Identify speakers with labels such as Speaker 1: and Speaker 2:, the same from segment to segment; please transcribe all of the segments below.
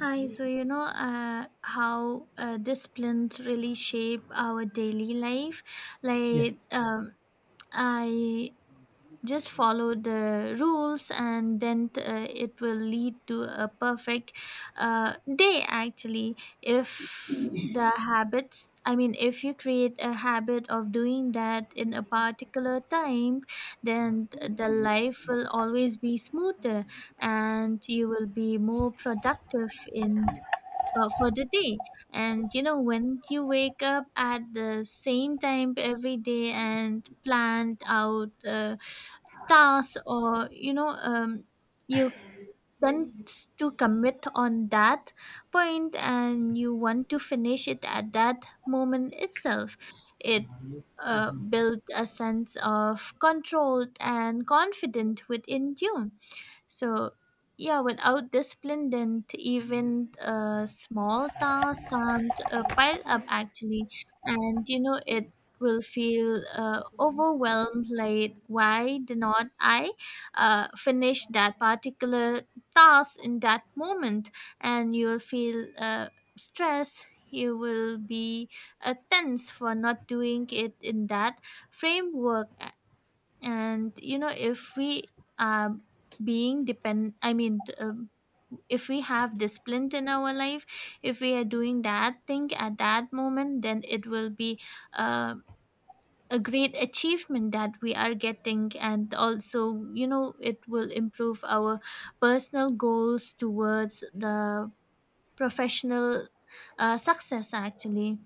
Speaker 1: Hi, how discipline really shape our daily life. Like
Speaker 2: Yes,
Speaker 1: um, I just follow the rules, and then it will lead to a perfect day. Actually, if the habits, I mean, if you create a habit of doing that in a particular time, then the life will always be smoother, and you will be more productive in for the day. And you know, when you wake up at the same time every day and plan out tasks you tend to commit on that point and you want to finish it at that moment itself. It built a sense of control and confidence within you so, yeah, without discipline, then even small tasks can't pile up actually. And, you know, it will feel overwhelmed like, why did not I finish that particular task in that moment? And you'll feel stress. You will be tense for not doing it in that framework. And you know if we are being depend I mean if we have discipline in our life, if we are doing that thing at that moment, then it will be uh, a great achievement that we are getting. And also you know it will improve our personal goals towards the professional success actually.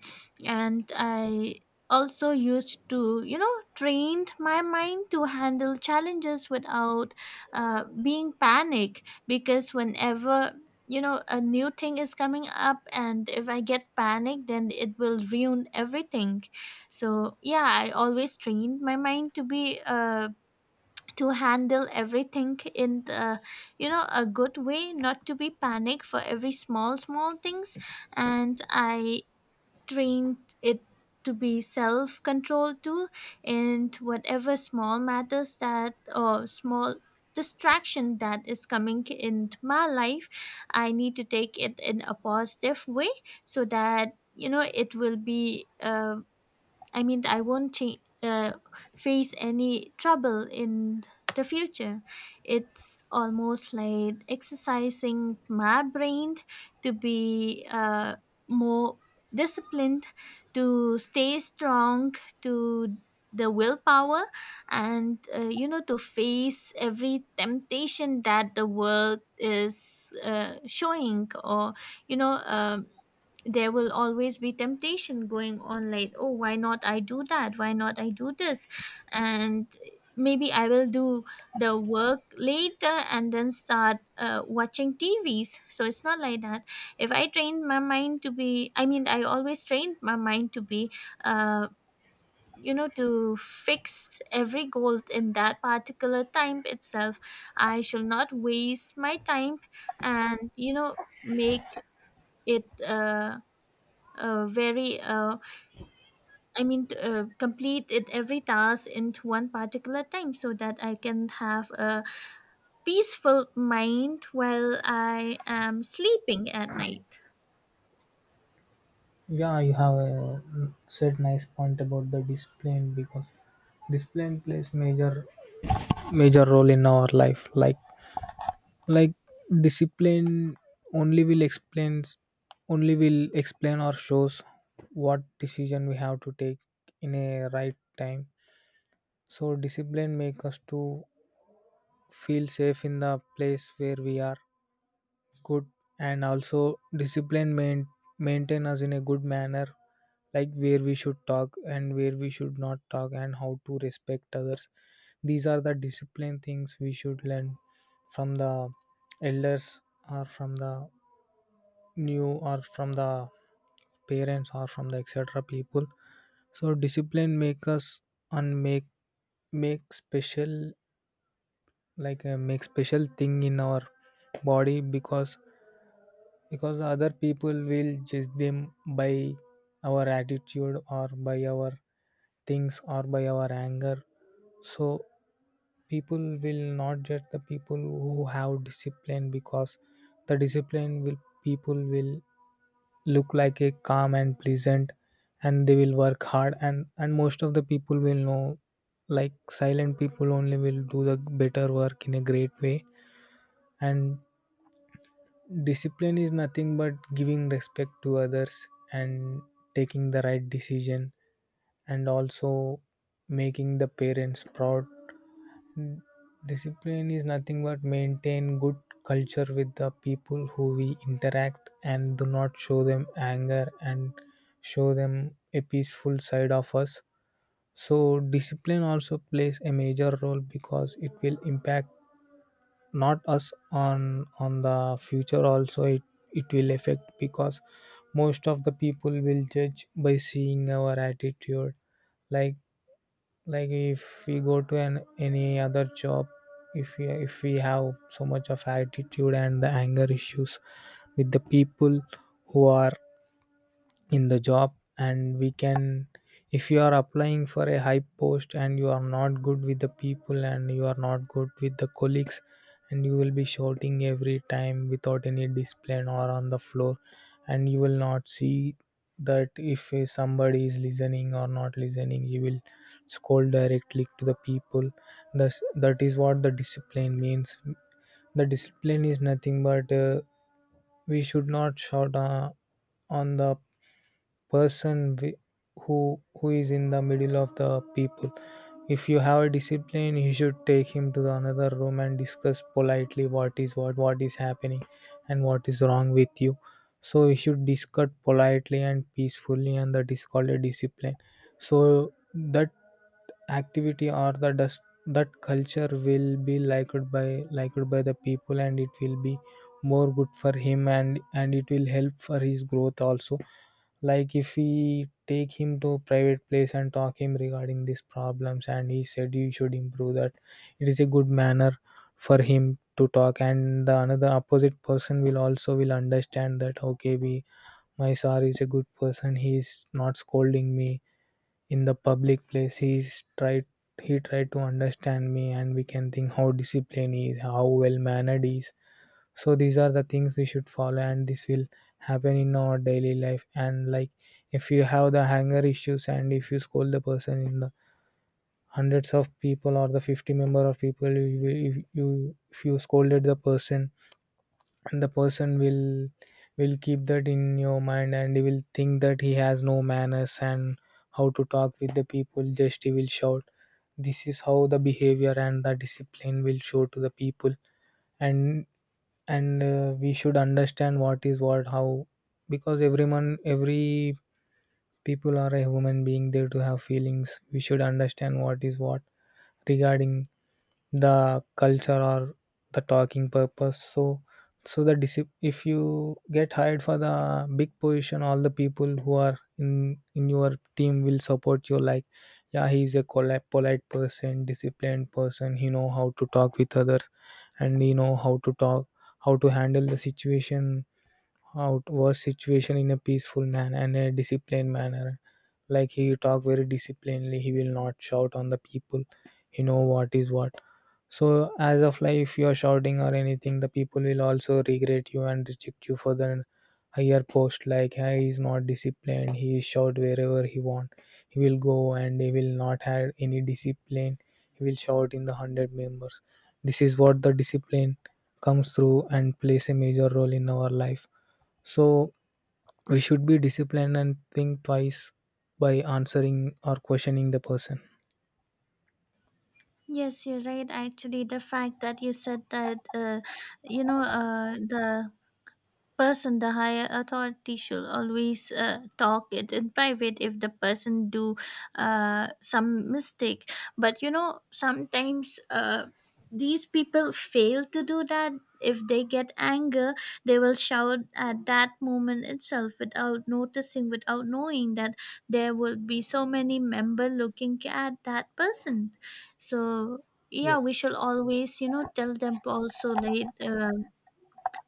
Speaker 1: And I also used to trained my mind to handle challenges without being panic, because whenever you know a new thing is coming up and if I get panic then it will ruin everything. So yeah, I always trained my mind to be to handle everything in the, you know, a good way, not to be panic for every small small things. And I trained it to be self control too. And whatever small matters that or small distraction that is coming in my life, I need to take it in a positive way so that you know it will be I won't face any trouble in the future. It's almost like exercising my brain to be more disciplined, to stay strong, to the willpower, and to face every temptation that the world is showing, or you know. Um, there will always be temptation going on like, oh, why not I do that, why not I do this, and maybe I will do the work later and then start watching tvs. So it's not like that. If I trained my mind to be, I always trained my mind to be uh, to fix every goal in that particular time itself. I shall not waste my time and you know make it very I mean t- complete it every task into one particular time so that I can have a peaceful mind while I am sleeping at night.
Speaker 2: yeah, you have a said nice point about the discipline because discipline plays major role in our life. Like discipline only will explains only will explain or shows what decision we have to take in a right time. So discipline make us to feel safe in the place where we are good, and also maintain us in a good manner, like where we should talk and where we should not talk and how to respect others. These are the discipline things we should learn from the elders or from the new or from the parents or from the etc people. So discipline make us and make special, like make special thing in our body, because other people will judge them by our attitude or by our things or by our anger. So people will not judge the people who have discipline, because the discipline will people will look like a calm and pleasant, and they will work hard, and most of the people will know like silent people only will do the better work in a great way. And discipline is nothing but giving respect to others and taking the right decision, and also making the parents proud. Discipline is nothing but maintain good culture with the people who we interact, and do not show them anger and show them a peaceful side of us. So discipline also plays a major role, because it will impact not us on the future also. It will affect, because most of the people will judge by seeing our attitude. Like like if we go to an any other job, if we have so much of attitude and the anger issues with the people who are in the job, and we can, if you are applying for a high post and you are not good with the people and you are not good with the colleagues, and you will be shouting every time without any discipline or on the floor, and you will not see that if somebody is listening or not listening, you will scold directly to the people. Thus, that is what the discipline means. The discipline is nothing but we should not shout on the person wi- who who is in the middle of the people. If you have a discipline, you should take him to the another room and discuss politely what is what is happening and what is wrong with you. So you should discuss politely and peacefully, and that is called a discipline. So that activity or the dust that culture will be liked by the people, and it will be more good for him, and it will help for his growth also. Like if we take him to a private place and talk him regarding these problems and he said you should improve that, it is a good manner for him to talk. And the another opposite person will also will understand that, okay, we, my sir is a good person, he is not scolding me in the public place. He tried to understand me, and we can think how disciplined he is, how well mannered he is. So these are the things we should follow, and this will happen in our daily life. And like if you have the hanger issues and if you scold the person in the hundreds of people or the 50 member of people, you will, if you scolded the person, and the person will keep that in your mind, and he will think that he has no manners, and how to talk with the people, just he will shout. This is how the behavior and the discipline will show to the people. And we should understand what is what, how, because every people are a human being, there to have feelings. We should understand what is what regarding the culture or the talking purpose. So if you get hired for the big position, all the people who are in your team will support you, like, yeah, polite person, disciplined person, he know how to talk with others, and he know how to talk, how to handle the situation, outward situation in a peaceful manner and a disciplined manner. Like he talk very disciplinedly, he will not shout on the people. He know what is what. So as of, like, if you are shouting or anything, the people will also regret you and reject you for the higher post. Like, "Hey, he is not disciplined, he shout wherever he want. He will go and he will not have any discipline. He will shout in the hundred members." This is what the discipline comes through and plays a major role in our life. So we should be disciplined and think twice by answering or questioning the person.
Speaker 1: Yes, you're right, actually. The fact that you said that you know the person, the higher authority, should always talk it in private if the person do some mistake. But you know sometimes these people fail to do that. If they get anger, they will shout at that moment itself without noticing, without knowing that there will be so many member looking at that person. So yeah, we
Speaker 2: Yes.
Speaker 1: shall always you know tell them also like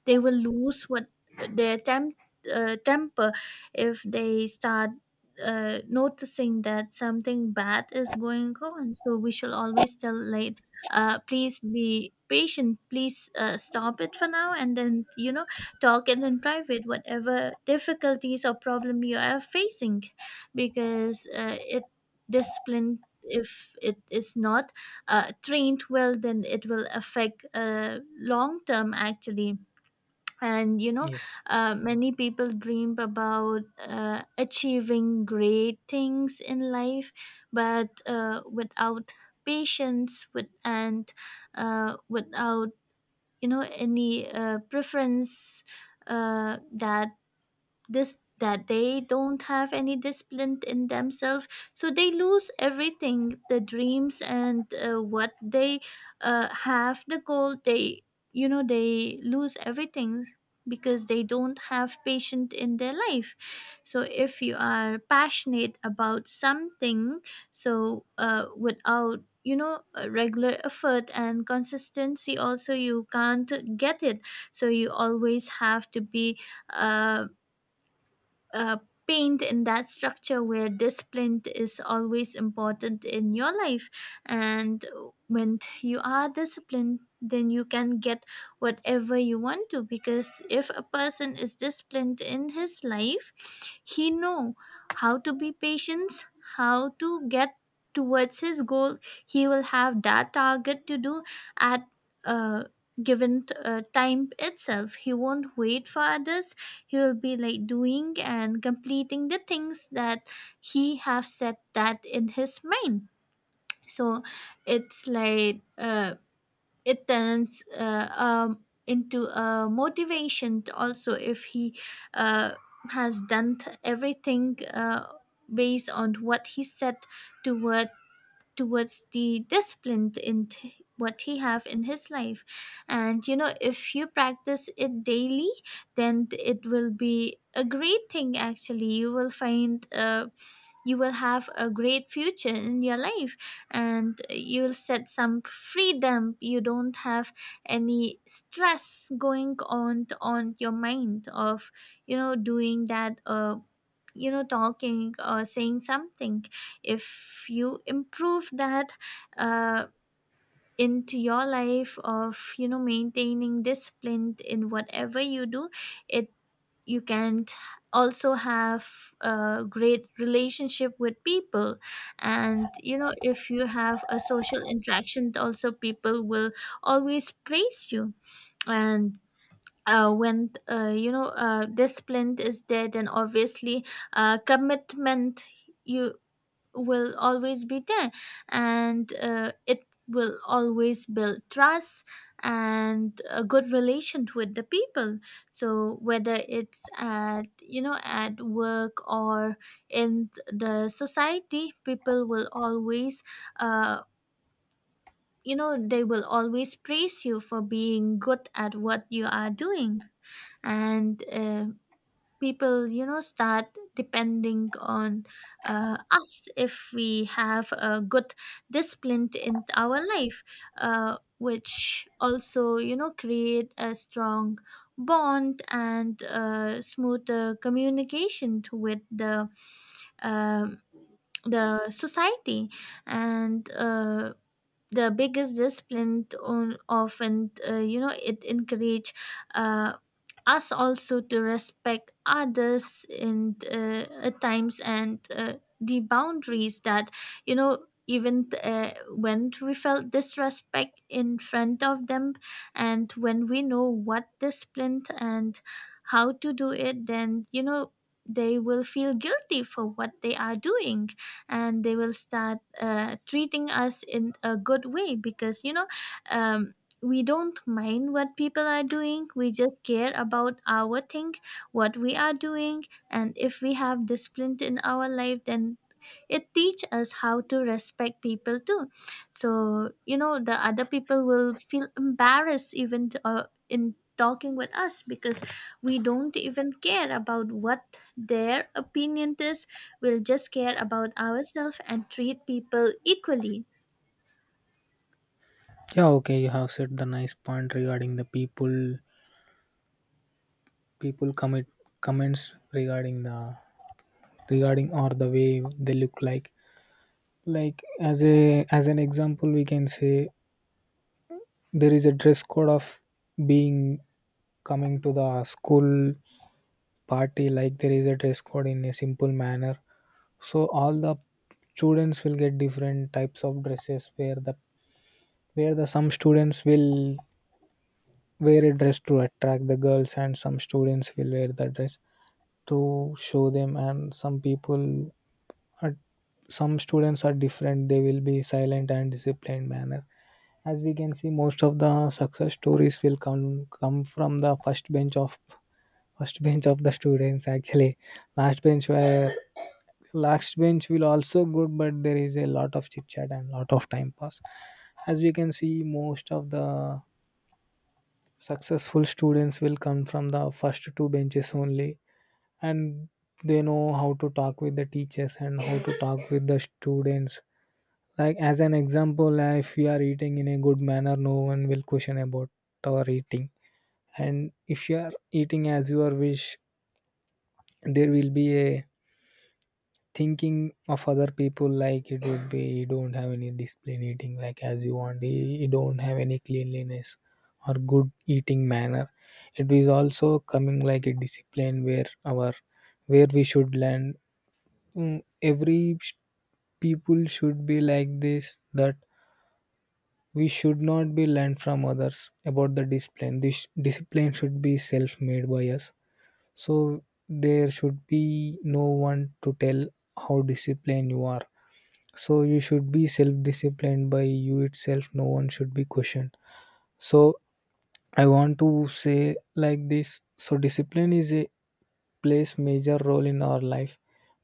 Speaker 1: they will lose what their temper if they start noticing that something bad is going on. So we shall always tell like, please be patient, please stop it for now, and then you know talk it in private whatever difficulties or problem you are facing. Because it discipline, if it is not trained well, then it will affect long term actually. And you know
Speaker 2: Yes.
Speaker 1: many people dream about achieving great things in life, but without patience with and without you know any preference uh, that that they don't have any discipline in themselves, so they lose everything, the dreams and what they have, the goal. They you know they lose everything because they don't have patience in their life. So if you are passionate about something, so without you know a regular effort and consistency also, you can't get it. So you always have to be uh, uh, paint in that structure where discipline is always important in your life. And when you are disciplined, then you can get whatever you want to. Because if a person is disciplined in his life, he know how to be patient, how to get towards his goal. He will have that target to do at a given time itself. He won't wait for others. He will be like doing and completing the things that he have set that in his mind. So it's like it turns into a motivation to also, if he uh, has done everything based on what he set toward towards the discipline in what he have in his life. And you know if you practice it daily, then it will be a great thing actually. You will find you will have a great future in your life, and you'll set some freedom. You don't have any stress going on your mind of you know doing that talking or saying something. If you improve that uh, into your life of you know maintaining discipline in whatever you do, it you can also have a great relationship with people. And you know if you have a social interaction also, people will always praise you. And when you know discipline is there, then obviously commitment you will always be there. And it will always build trust and a good relation with the people. So whether it's at you know at work or in the society, people will always uh, you know they will always praise you for being good at what you are doing. And people you know start depending on us if we have a good discipline in our life, which also you know create a strong bond and smoother communication with um the society. And the biggest discipline on often you know it encourage uh, us also to respect others and at times and the boundaries that you know even when we felt disrespect in front of them. And when we know what discipline and how to do it, then you know they will feel guilty for what they are doing. And they will start treating us in a good way, because you know um, we don't mind what people are doing, we just care about our thing, what we are doing. And if we have discipline in our life, then it teach us how to respect people too. So you know the other people will feel embarrassed even to, in talking with us, because we don't even care about what their opinion is. We'll just care about ourselves and treat people equally.
Speaker 2: Yeah, okay, you have said the nice point regarding the people people commit comments regarding the regarding or the way they look like. Like, as a as an example, we can say there is a dress code of being coming to the school party, like there is a dress code in a simple manner. So all the students will get different types of dresses, where the some students will wear a dress to attract the girls, and some students will wear the dress to show them, and are some students are different, they will be silent and disciplined manner. As we can see, most of the success stories will come from the first bench of the students. Actually, last bench were, last bench will also good, but there is a lot of chit chat and lot of time pass. As we can see, most of the successful students will come from the first two benches only, and they know how to talk with the teachers and how to talk with the students. Like, as an example, if we are eating in a good manner, no one will question about our eating. And if you are eating as your wish, there will be a thinking of other people, like it would be you don't have any discipline, eating like as you want, you don't have any cleanliness or good eating manner. It is also coming like a discipline where our where we should learn, mm, people should be like this, that we should not be learned from others about the discipline. This discipline should be self made by us. So there should be no one to tell how disciplined you are. So you should be self disciplined by you itself, no one should be questioned. So I want to say like this. So discipline is a plays major role in our life.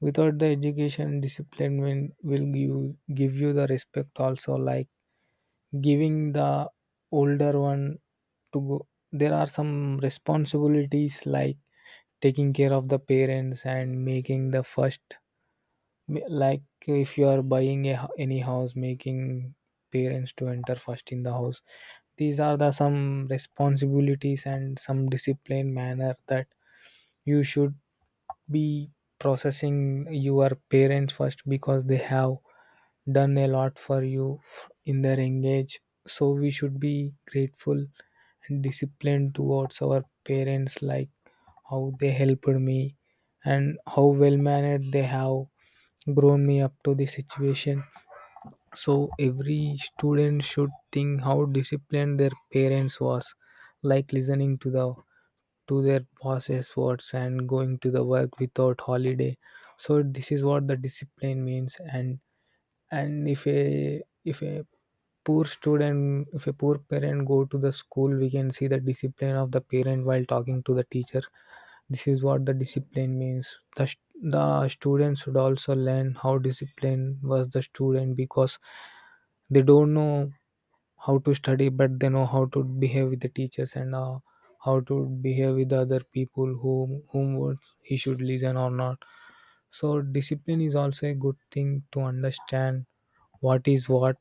Speaker 2: Without the education, discipline will give you the respect also, like giving the older one to go. There are some responsibilities like taking care of the parents and making the first, like if you are buying a, any house, making parents to enter first in the house. These are the some responsibilities and some discipline manner that you should be processing your parents first, because they have done a lot for you in their engage. So we should be grateful and disciplined towards our parents, like how they helped me and how well mannered they have grown me up to the situation. So every student should think how disciplined their parents was, like listening to the to their boss's words and going to the work without holiday. So this is what the discipline means. And if a poor student, if a poor parent go to the school, we can see the discipline of the parent while talking to the teacher. This is what the discipline means. The, the students should also learn how disciplined was the student, because they don't know how to study, but they know how to behave with the teachers and how to behave with the other people, whom words he should listen or not. So discipline is also a good thing to understand what is what,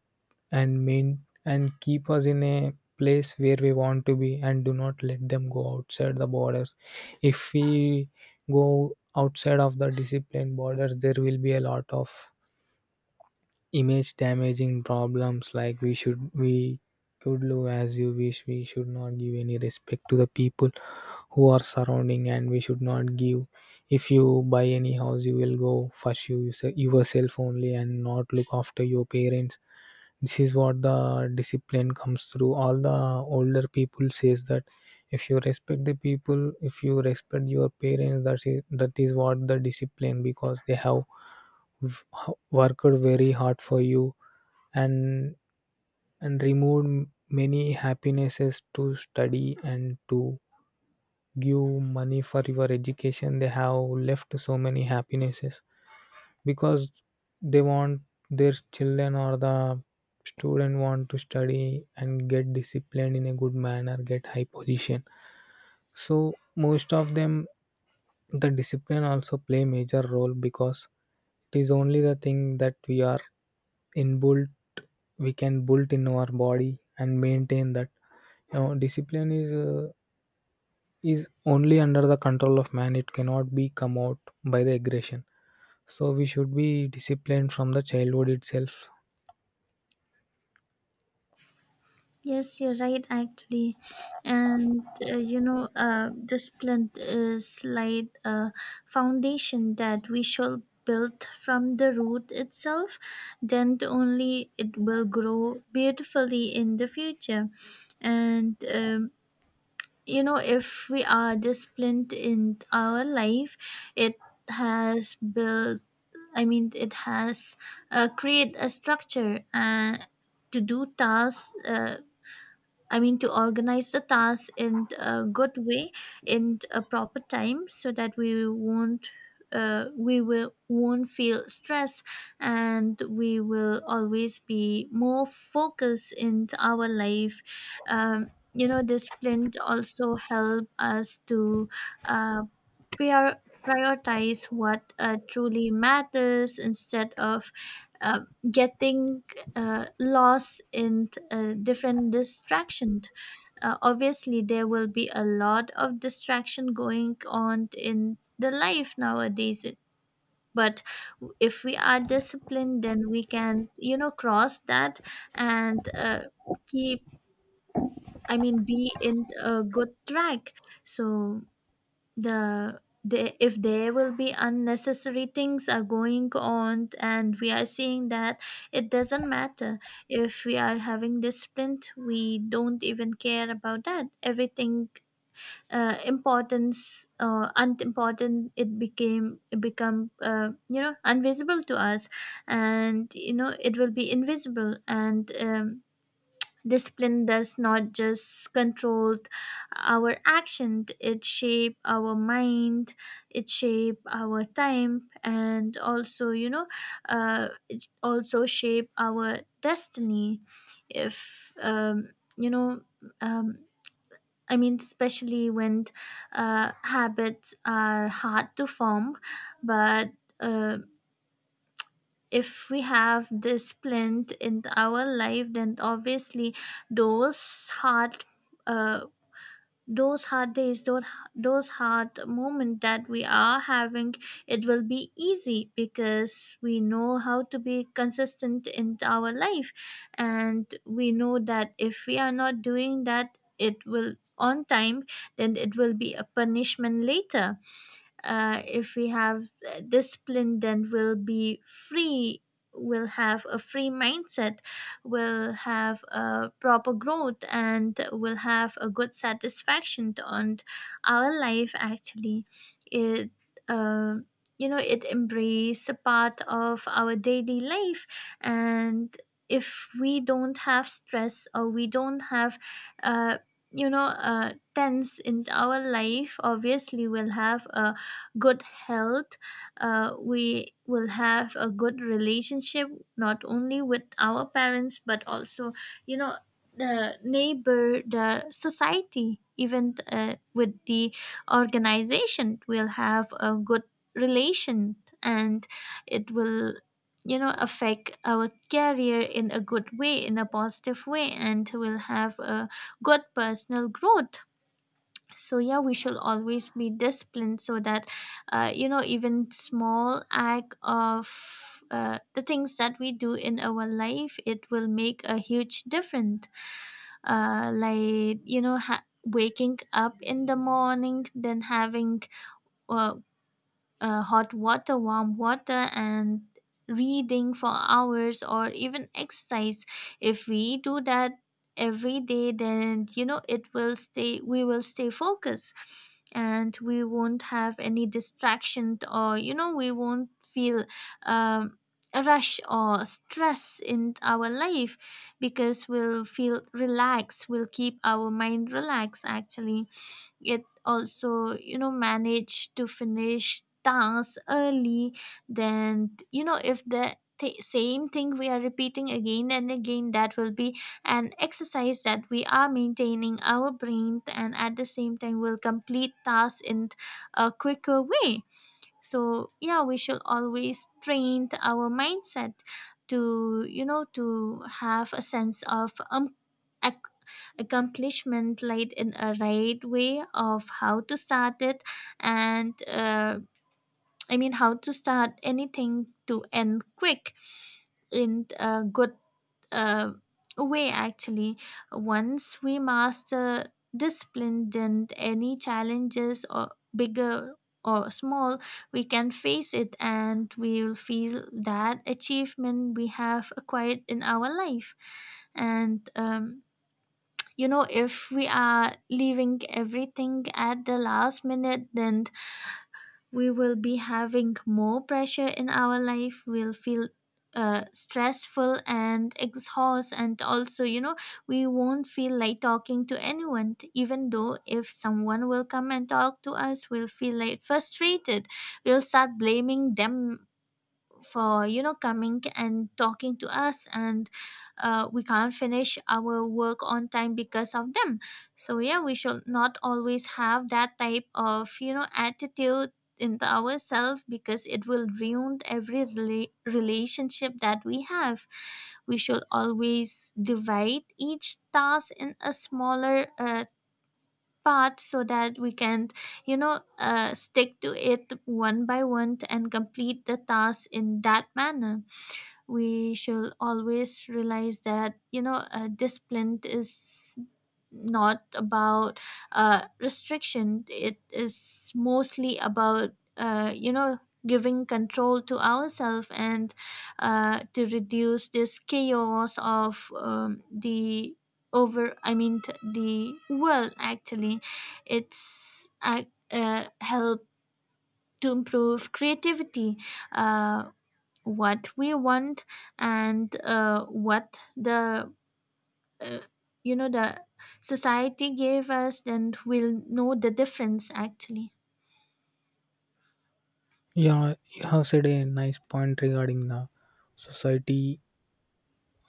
Speaker 2: and mean, and keep us in a place where we want to be and do not let them go outside the borders. If we go outside of the discipline borders, there will be a lot of image damaging problems, like we should, we could do as you wish, we should not give any respect to the people who are surrounding, and we should not give, if you buy any house, you will go first you yourself only and not look after your parents. This is what the discipline comes through. All the older people says that if you respect the people, if you respect your parents, that is what the discipline, because they have worked very hard for you and removed many happinesses to study and to give money for your education. They have left so many happinesses because they want their children or the student want to study and get disciplined in a good manner, get high position. So most of them, the discipline also play major role, because it is only the thing that we are inbuilt, we can build in our body and maintain that. You know discipline is is only under the control of man, it cannot be come out by the aggression. So we should be disciplined from the childhood itself.
Speaker 1: Yes, you're right, actually. And discipline is like a foundation that we shall build from the root itself, then only it will grow beautifully in the future. And you know if we are disciplined in our life, it has built I mean it has create a structure to do tasks I mean, to organize the tasks in a good way, in a proper time, so that we won't. We will won't feel stress, and we will always be more focused in our life. um, you know discipline also help us to uh, prioritize what truly matters, instead of uh, getting loss in different distractions. Obviously, there will be a lot of distraction going on in the life nowadays. But if we are disciplined, then we can, you know, cross that and keep. I mean, be in a good track. So the if there will be unnecessary things are going on and we are seeing that, it doesn't matter. If we are having this sprint, we don't even care about that. Everything importance unimportant, it became it become you know invisible to us. And you know it will be invisible. And Discipline does not just control our action, it shape our mind, it shape our time, and also, you know, it also shape our destiny. If, you know, um, especially when habits are hard to form, but uh, if we have this plant in our life, then obviously those hard uh, those hard days, those hard moments that we are having, it will be easy because we know how to be consistent in our life, and we know that if we are not doing that it will on time, then it will be a punishment later. If we have discipline, then we'll be free. We'll have a free mindset, we'll have a proper growth, and we'll have a good satisfaction on our life actually. It uh, you know, it embrace a part of our daily life. And if we don't have stress or we don't have uh, tense in our life, obviously we'll have a good health. We will have a good relationship not only with our parents, but also, you know, the neighbor, the society, even with the organization, we'll have a good relation. And it will, you know, affect our career in a good way, in a positive way, and we will have a good personal growth. So, yeah, we should always be disciplined so that, you know, even small act of the things that we do in our life, it will make a huge difference. Like, you know, waking up in the morning, then having uh, hot water, warm water, and reading for hours or even exercise. If we do that every day, then you know it will stay, we will stay focused, and we won't have any distraction, or you know we won't feel um, a rush or stress in our life, because we'll feel relaxed, we'll keep our mind relaxed actually. It also, you know, manage to finish tasks early. Then, you know, if the same thing we are repeating again and again, that will be an exercise that we are maintaining our brain, and at the same time will complete tasks in a quicker way. So, yeah, we should always train our mindset to, you know, to have a sense of accomplishment laid in a right way of how to start it. And I mean, how to start anything to end quick in a good uh, way actually. Once we master discipline, then any challenges, or bigger or small, we can face it, and we will feel that achievement we have acquired in our life. And you know, if we are leaving everything at the last minute, then we will be having more pressure in our life. We'll feel stressful and exhaust, and also, you know, we won't feel like talking to anyone. Even though if someone will come and talk to us, we'll feel like frustrated. We'll start blaming them for, you know, coming and talking to us, and we can't finish our work on time because of them. So, yeah, we should not always have that type of, you know, attitude in ourselves, because it will ruin every relationship that we have. We should always divide each task in a smaller part so that we can, you know, stick to it one by one and complete the task in that manner. We should always realize that, you know, discipline is not about restriction. It is mostly about, uh, giving control to ourselves, and to reduce this chaos of the over I mean t- the world actually. It's help to improve creativity, uh, what we want, and what the uh, you know the society gave us. Then we'll know the difference actually.
Speaker 2: Yeah, you have said a nice point regarding the society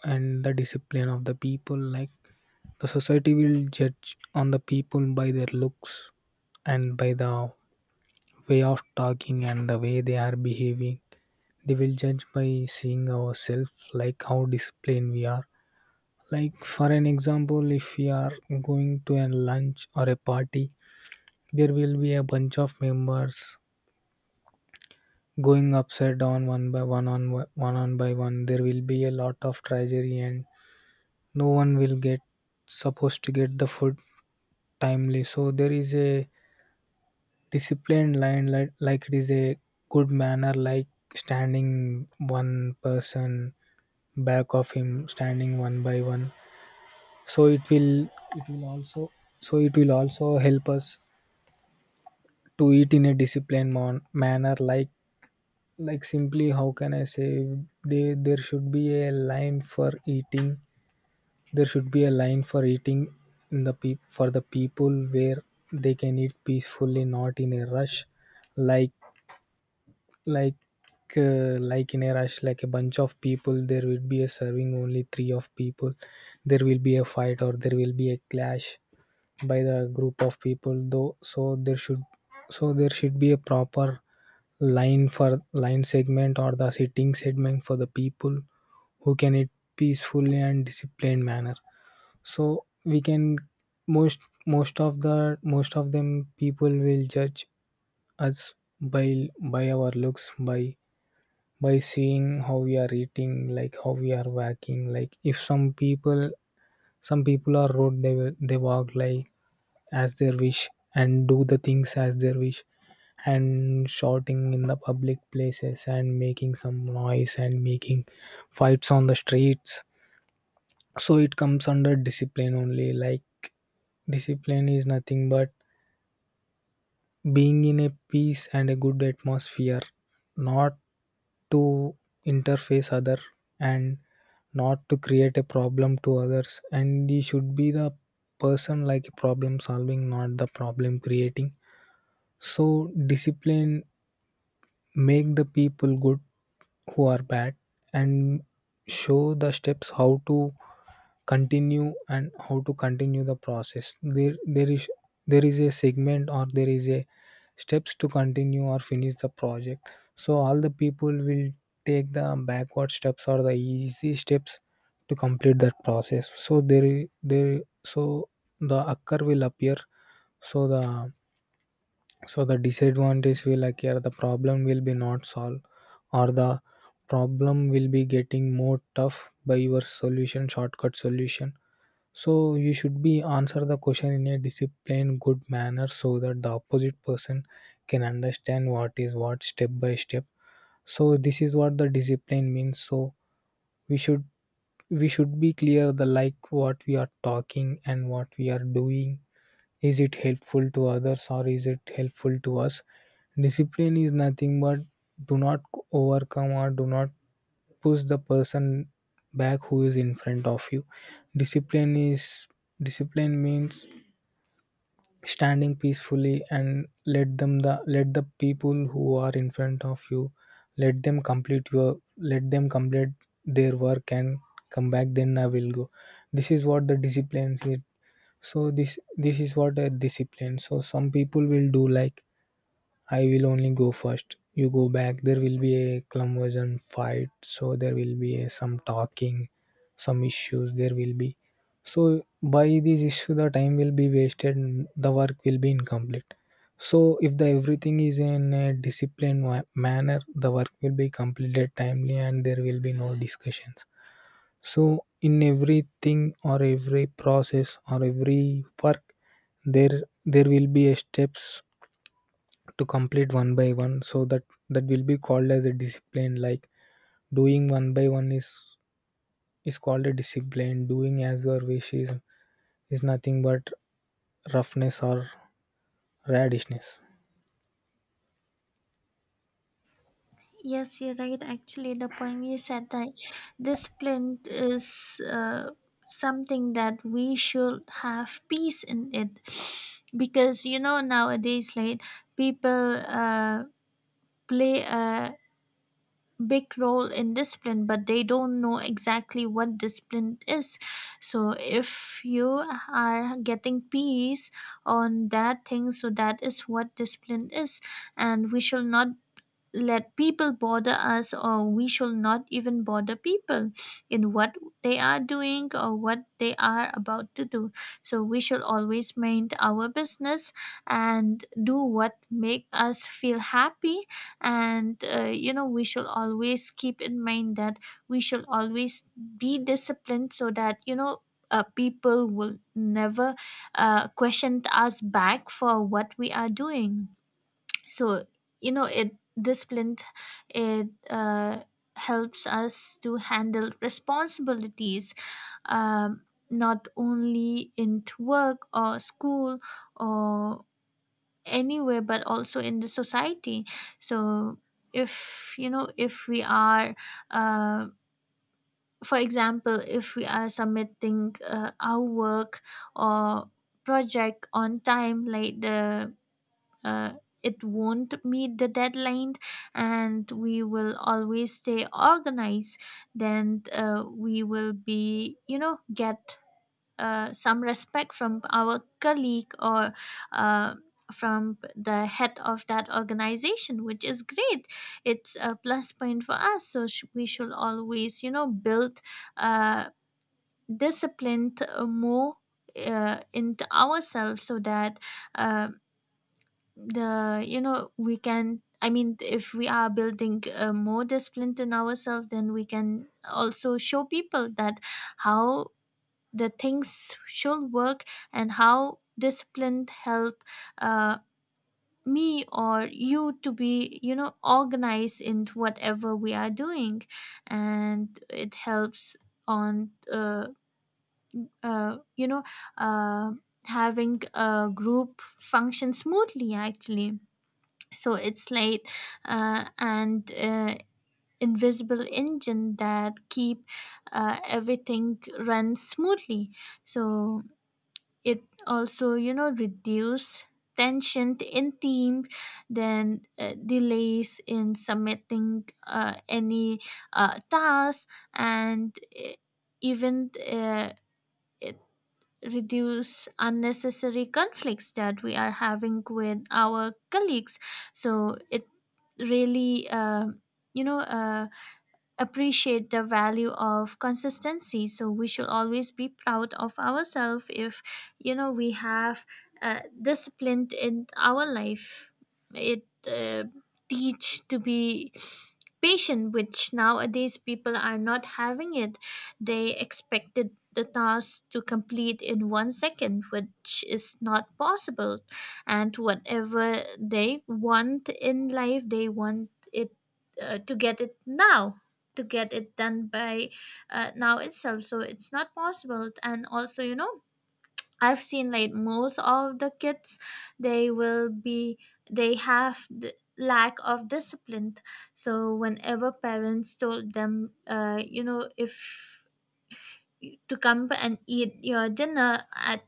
Speaker 2: and the discipline of the people. Like the society will judge on the people by their looks and by the way of talking and the way they are behaving. They will judge by seeing ourselves, like how disciplined we are. Like for an example, if we are going to a lunch or a party, there will be a bunch of members going upside down one by one on one on by one, there will be a lot of tragedy and no one will get supposed to get the food timely. So there is a disciplined line, like it is a good manner, like standing one person, back of him standing one by one. So it will also, so it will also help us to eat in a disciplined manner. Like simply how can I say, they there should be a line for eating, there should be a line for eating in the peop for the people where they can eat peacefully, not in a rush. Like like uh, like in a rush, like a bunch of people, there will be a serving only three of people, there will be a fight or there will be a clash by the group of people though. So there should be a proper line segment or the sitting segment for the people who can eat peacefully and disciplined manner. So we can, most most of the most of them people will judge us by our looks, by seeing how we are eating, like how we are walking. Like if some people, some people are rude, they walk like as their wish and do the things as their wish, and shouting in the public places and making some noise and making fights on the streets. So it comes under discipline only. Like discipline is nothing but being in a peace and a good atmosphere, not to interface other, and not to create a problem to others, and you should be the person like a problem solving, not the problem creating. So discipline make the people good who are bad, and show the steps how to continue, and how to continue the process. There is a segment, or there is a steps to continue or finish the project. So all the people will take the backward steps or the easy steps to complete that process. So the occur will appear, so the, so the disadvantage will occur, the problem will be not solved, or the problem will be getting more tough by your solution, shortcut solution. So you should be answer the question in a disciplined good manner, so that the opposite person can understand what is what, step by step. So this is what the discipline means. So we should, we should be clear the like what we are talking and what we are doing. Is it helpful to others, or is it helpful to us? Discipline is nothing but do not overcome or do not push the person back who is in front of you. Discipline is, discipline means standing peacefully and let them, the let the people who are in front of you, let them complete your, let them complete their work and come back, then I will go. This is what the discipline is. So this is what a discipline. So some people will do like, I will only go first. You go back. There will be a conversion fight. So there will be a, some talking, some issues. There will be. So by this issue, the time will be wasted, and the work will be incomplete. So if the everything is in a disciplined manner, the work will be completed timely, and there will be no discussions. So in everything, or every process or every work, there will be a steps to complete one by one, so that that will be called as a discipline. Like doing one by one is called a discipline. Doing as your wish is nothing but roughness or radishness.
Speaker 1: Yes, you're right actually. The point you said that discipline is something that we should have peace in it, because, you know, nowadays, like, people play a big role in discipline, but they don't know exactly what discipline is. So if you are getting peace on that thing, so that is what discipline is. And we shall not let people bother us, or we shall not even bother people in what they are doing or what they are about to do. So we shall always mind our business and do what make us feel happy. And you know, we shall always keep in mind that we shall always be disciplined, so that, you know, people will never question us back for what we are doing. So, you know, it helps us to handle responsibilities, um, not only into work or school or anywhere, but also in the society. So, if you know, if we are uh, for example, if we are submitting our work or project on time, like the uh, it won't meet the deadline, and we will always stay organized, then we will be, you know, get some respect from our colleague, or uh, from the head of that organization, which is great. It's a plus point for us. So we should always, you know, build uh, discipline more into ourselves, so that um the you know we can, I mean, if we are building more discipline in ourselves, then we can also show people that how the things should work, and how discipline help uh, me or you to be, you know, organized in whatever we are doing. And it helps on uh, you know uh, having a group function smoothly actually. So it's light, and invisible engine that keep everything run smoothly. So it also, you know, reduce tension in team, then delays in submitting any task, and even reduce unnecessary conflicts that we are having with our colleagues. So it really, you know uh, appreciate the value of consistency. So we should always be proud of ourselves if, you know, we have disciplined in our life. It teach to be patient, which nowadays people are not having it. They expected the task to complete in 1 second, which is not possible. And whatever they want in life, they want it to get it now, to get it done by now itself, so it's not possible. And also, you know, I've seen, like, most of the kids, they will be they have the lack of discipline. So whenever parents told them, you know, if to come and eat your dinner at,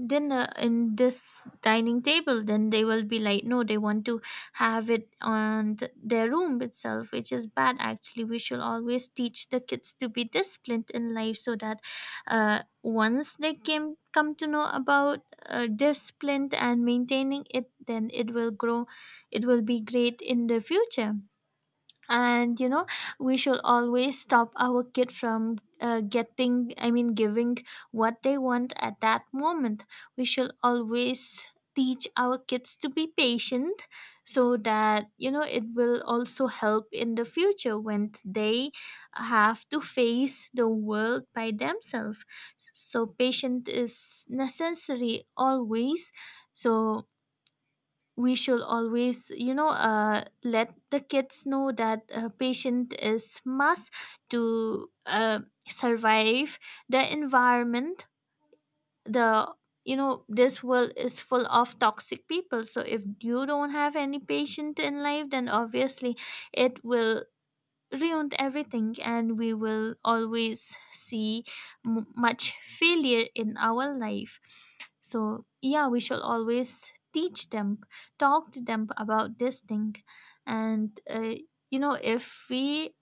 Speaker 1: then in this dining table, then they will be like, no, they want to have it on their room itself, which is bad actually. We should always teach the kids to be disciplined in life, so that once they came come to know about discipline and maintaining it, then it will grow. It will be great in the future. And, you know, we should always stop our kid from getting I mean giving what they want at that moment. We should always teach our kids to be patient, so that, you know, it will also help in the future when they have to face the world by themselves. So patience is necessary always. So we should always, you know, let the kids know that patient is must to survive the environment, the you know, this world is full of toxic people. So if you don't have any patient in life, then obviously it will ruined everything, and we will always see much failure in our life. So, yeah, we shall always teach them, talk to them about this thing. And you know, if we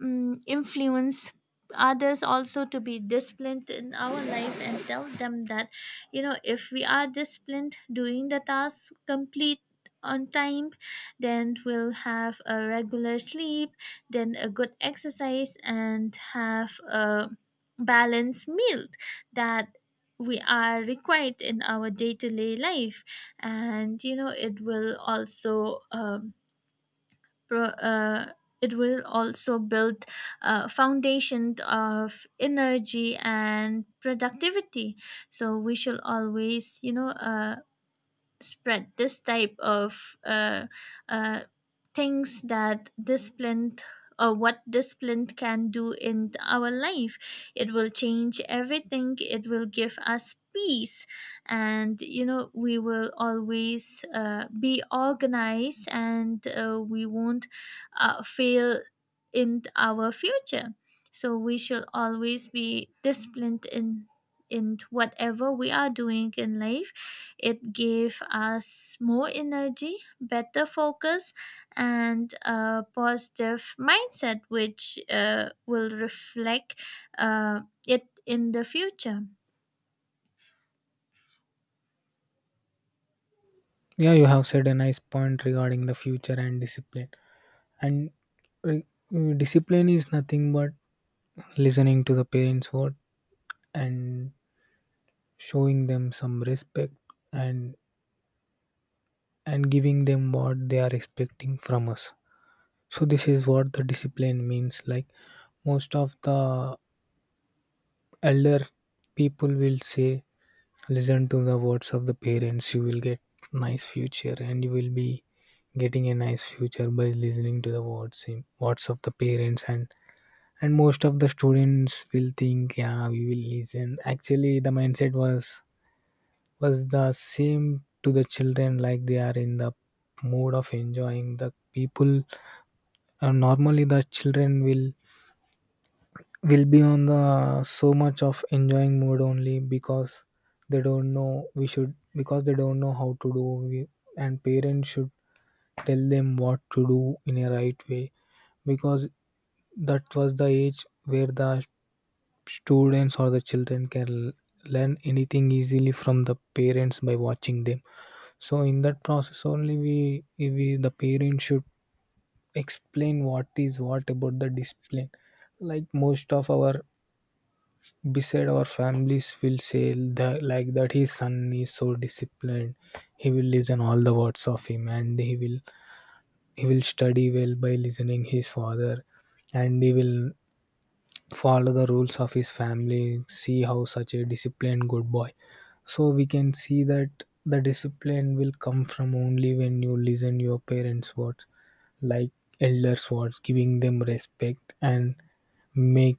Speaker 1: influence others also to be disciplined in our life, and tell them that, you know, if we are disciplined, doing the task complete on time, then we'll have a regular sleep, then a good exercise, and have a balanced meal that we are required in our day-to-day life. And, you know, it will also pro, uh, it will also build a foundation of energy and productivity. So we should always, you know, spread this type of uh, things that discipline or what discipline can do in our life. It will change everything. It will give us peace. And, you know, we will always, be organized, and we won't fail in our future. So we should always be disciplined in whatever we are doing in life. It gave us more energy, better focus, and a positive mindset, which will reflect uh, it in the future.
Speaker 2: Yeah, you have said a nice point regarding the future and discipline. And uh, discipline is nothing but listening to the parents word and showing them some respect, and and giving them what they are expecting from us. So this is what the discipline means. Like most of the elder people will say, listen to the words of the parents, you will get nice future, and you will be getting a nice future by listening to the words, words of the parents. And most of the students will think, yeah, we will listen. Actually the mindset was the same to the children, like they are in the mood of enjoying the people. Normally the children will be on the so much of enjoying mood only, because they don't know, we should, because they don't know how to do. We, and parents should tell them what to do in a right way, because that was the age where the students or the children can learn anything easily from the parents by watching them. So in that process only, we the parents should explain what is what about the discipline. Like most of our beside our families will say that, like that his son is so disciplined, he will listen all the words of him, and he will study well by listening his father, and he will follow the rules of his family. See how such a disciplined good boy. So we can see that the discipline will come from only when you listen your parents words, like elders words, giving them respect and make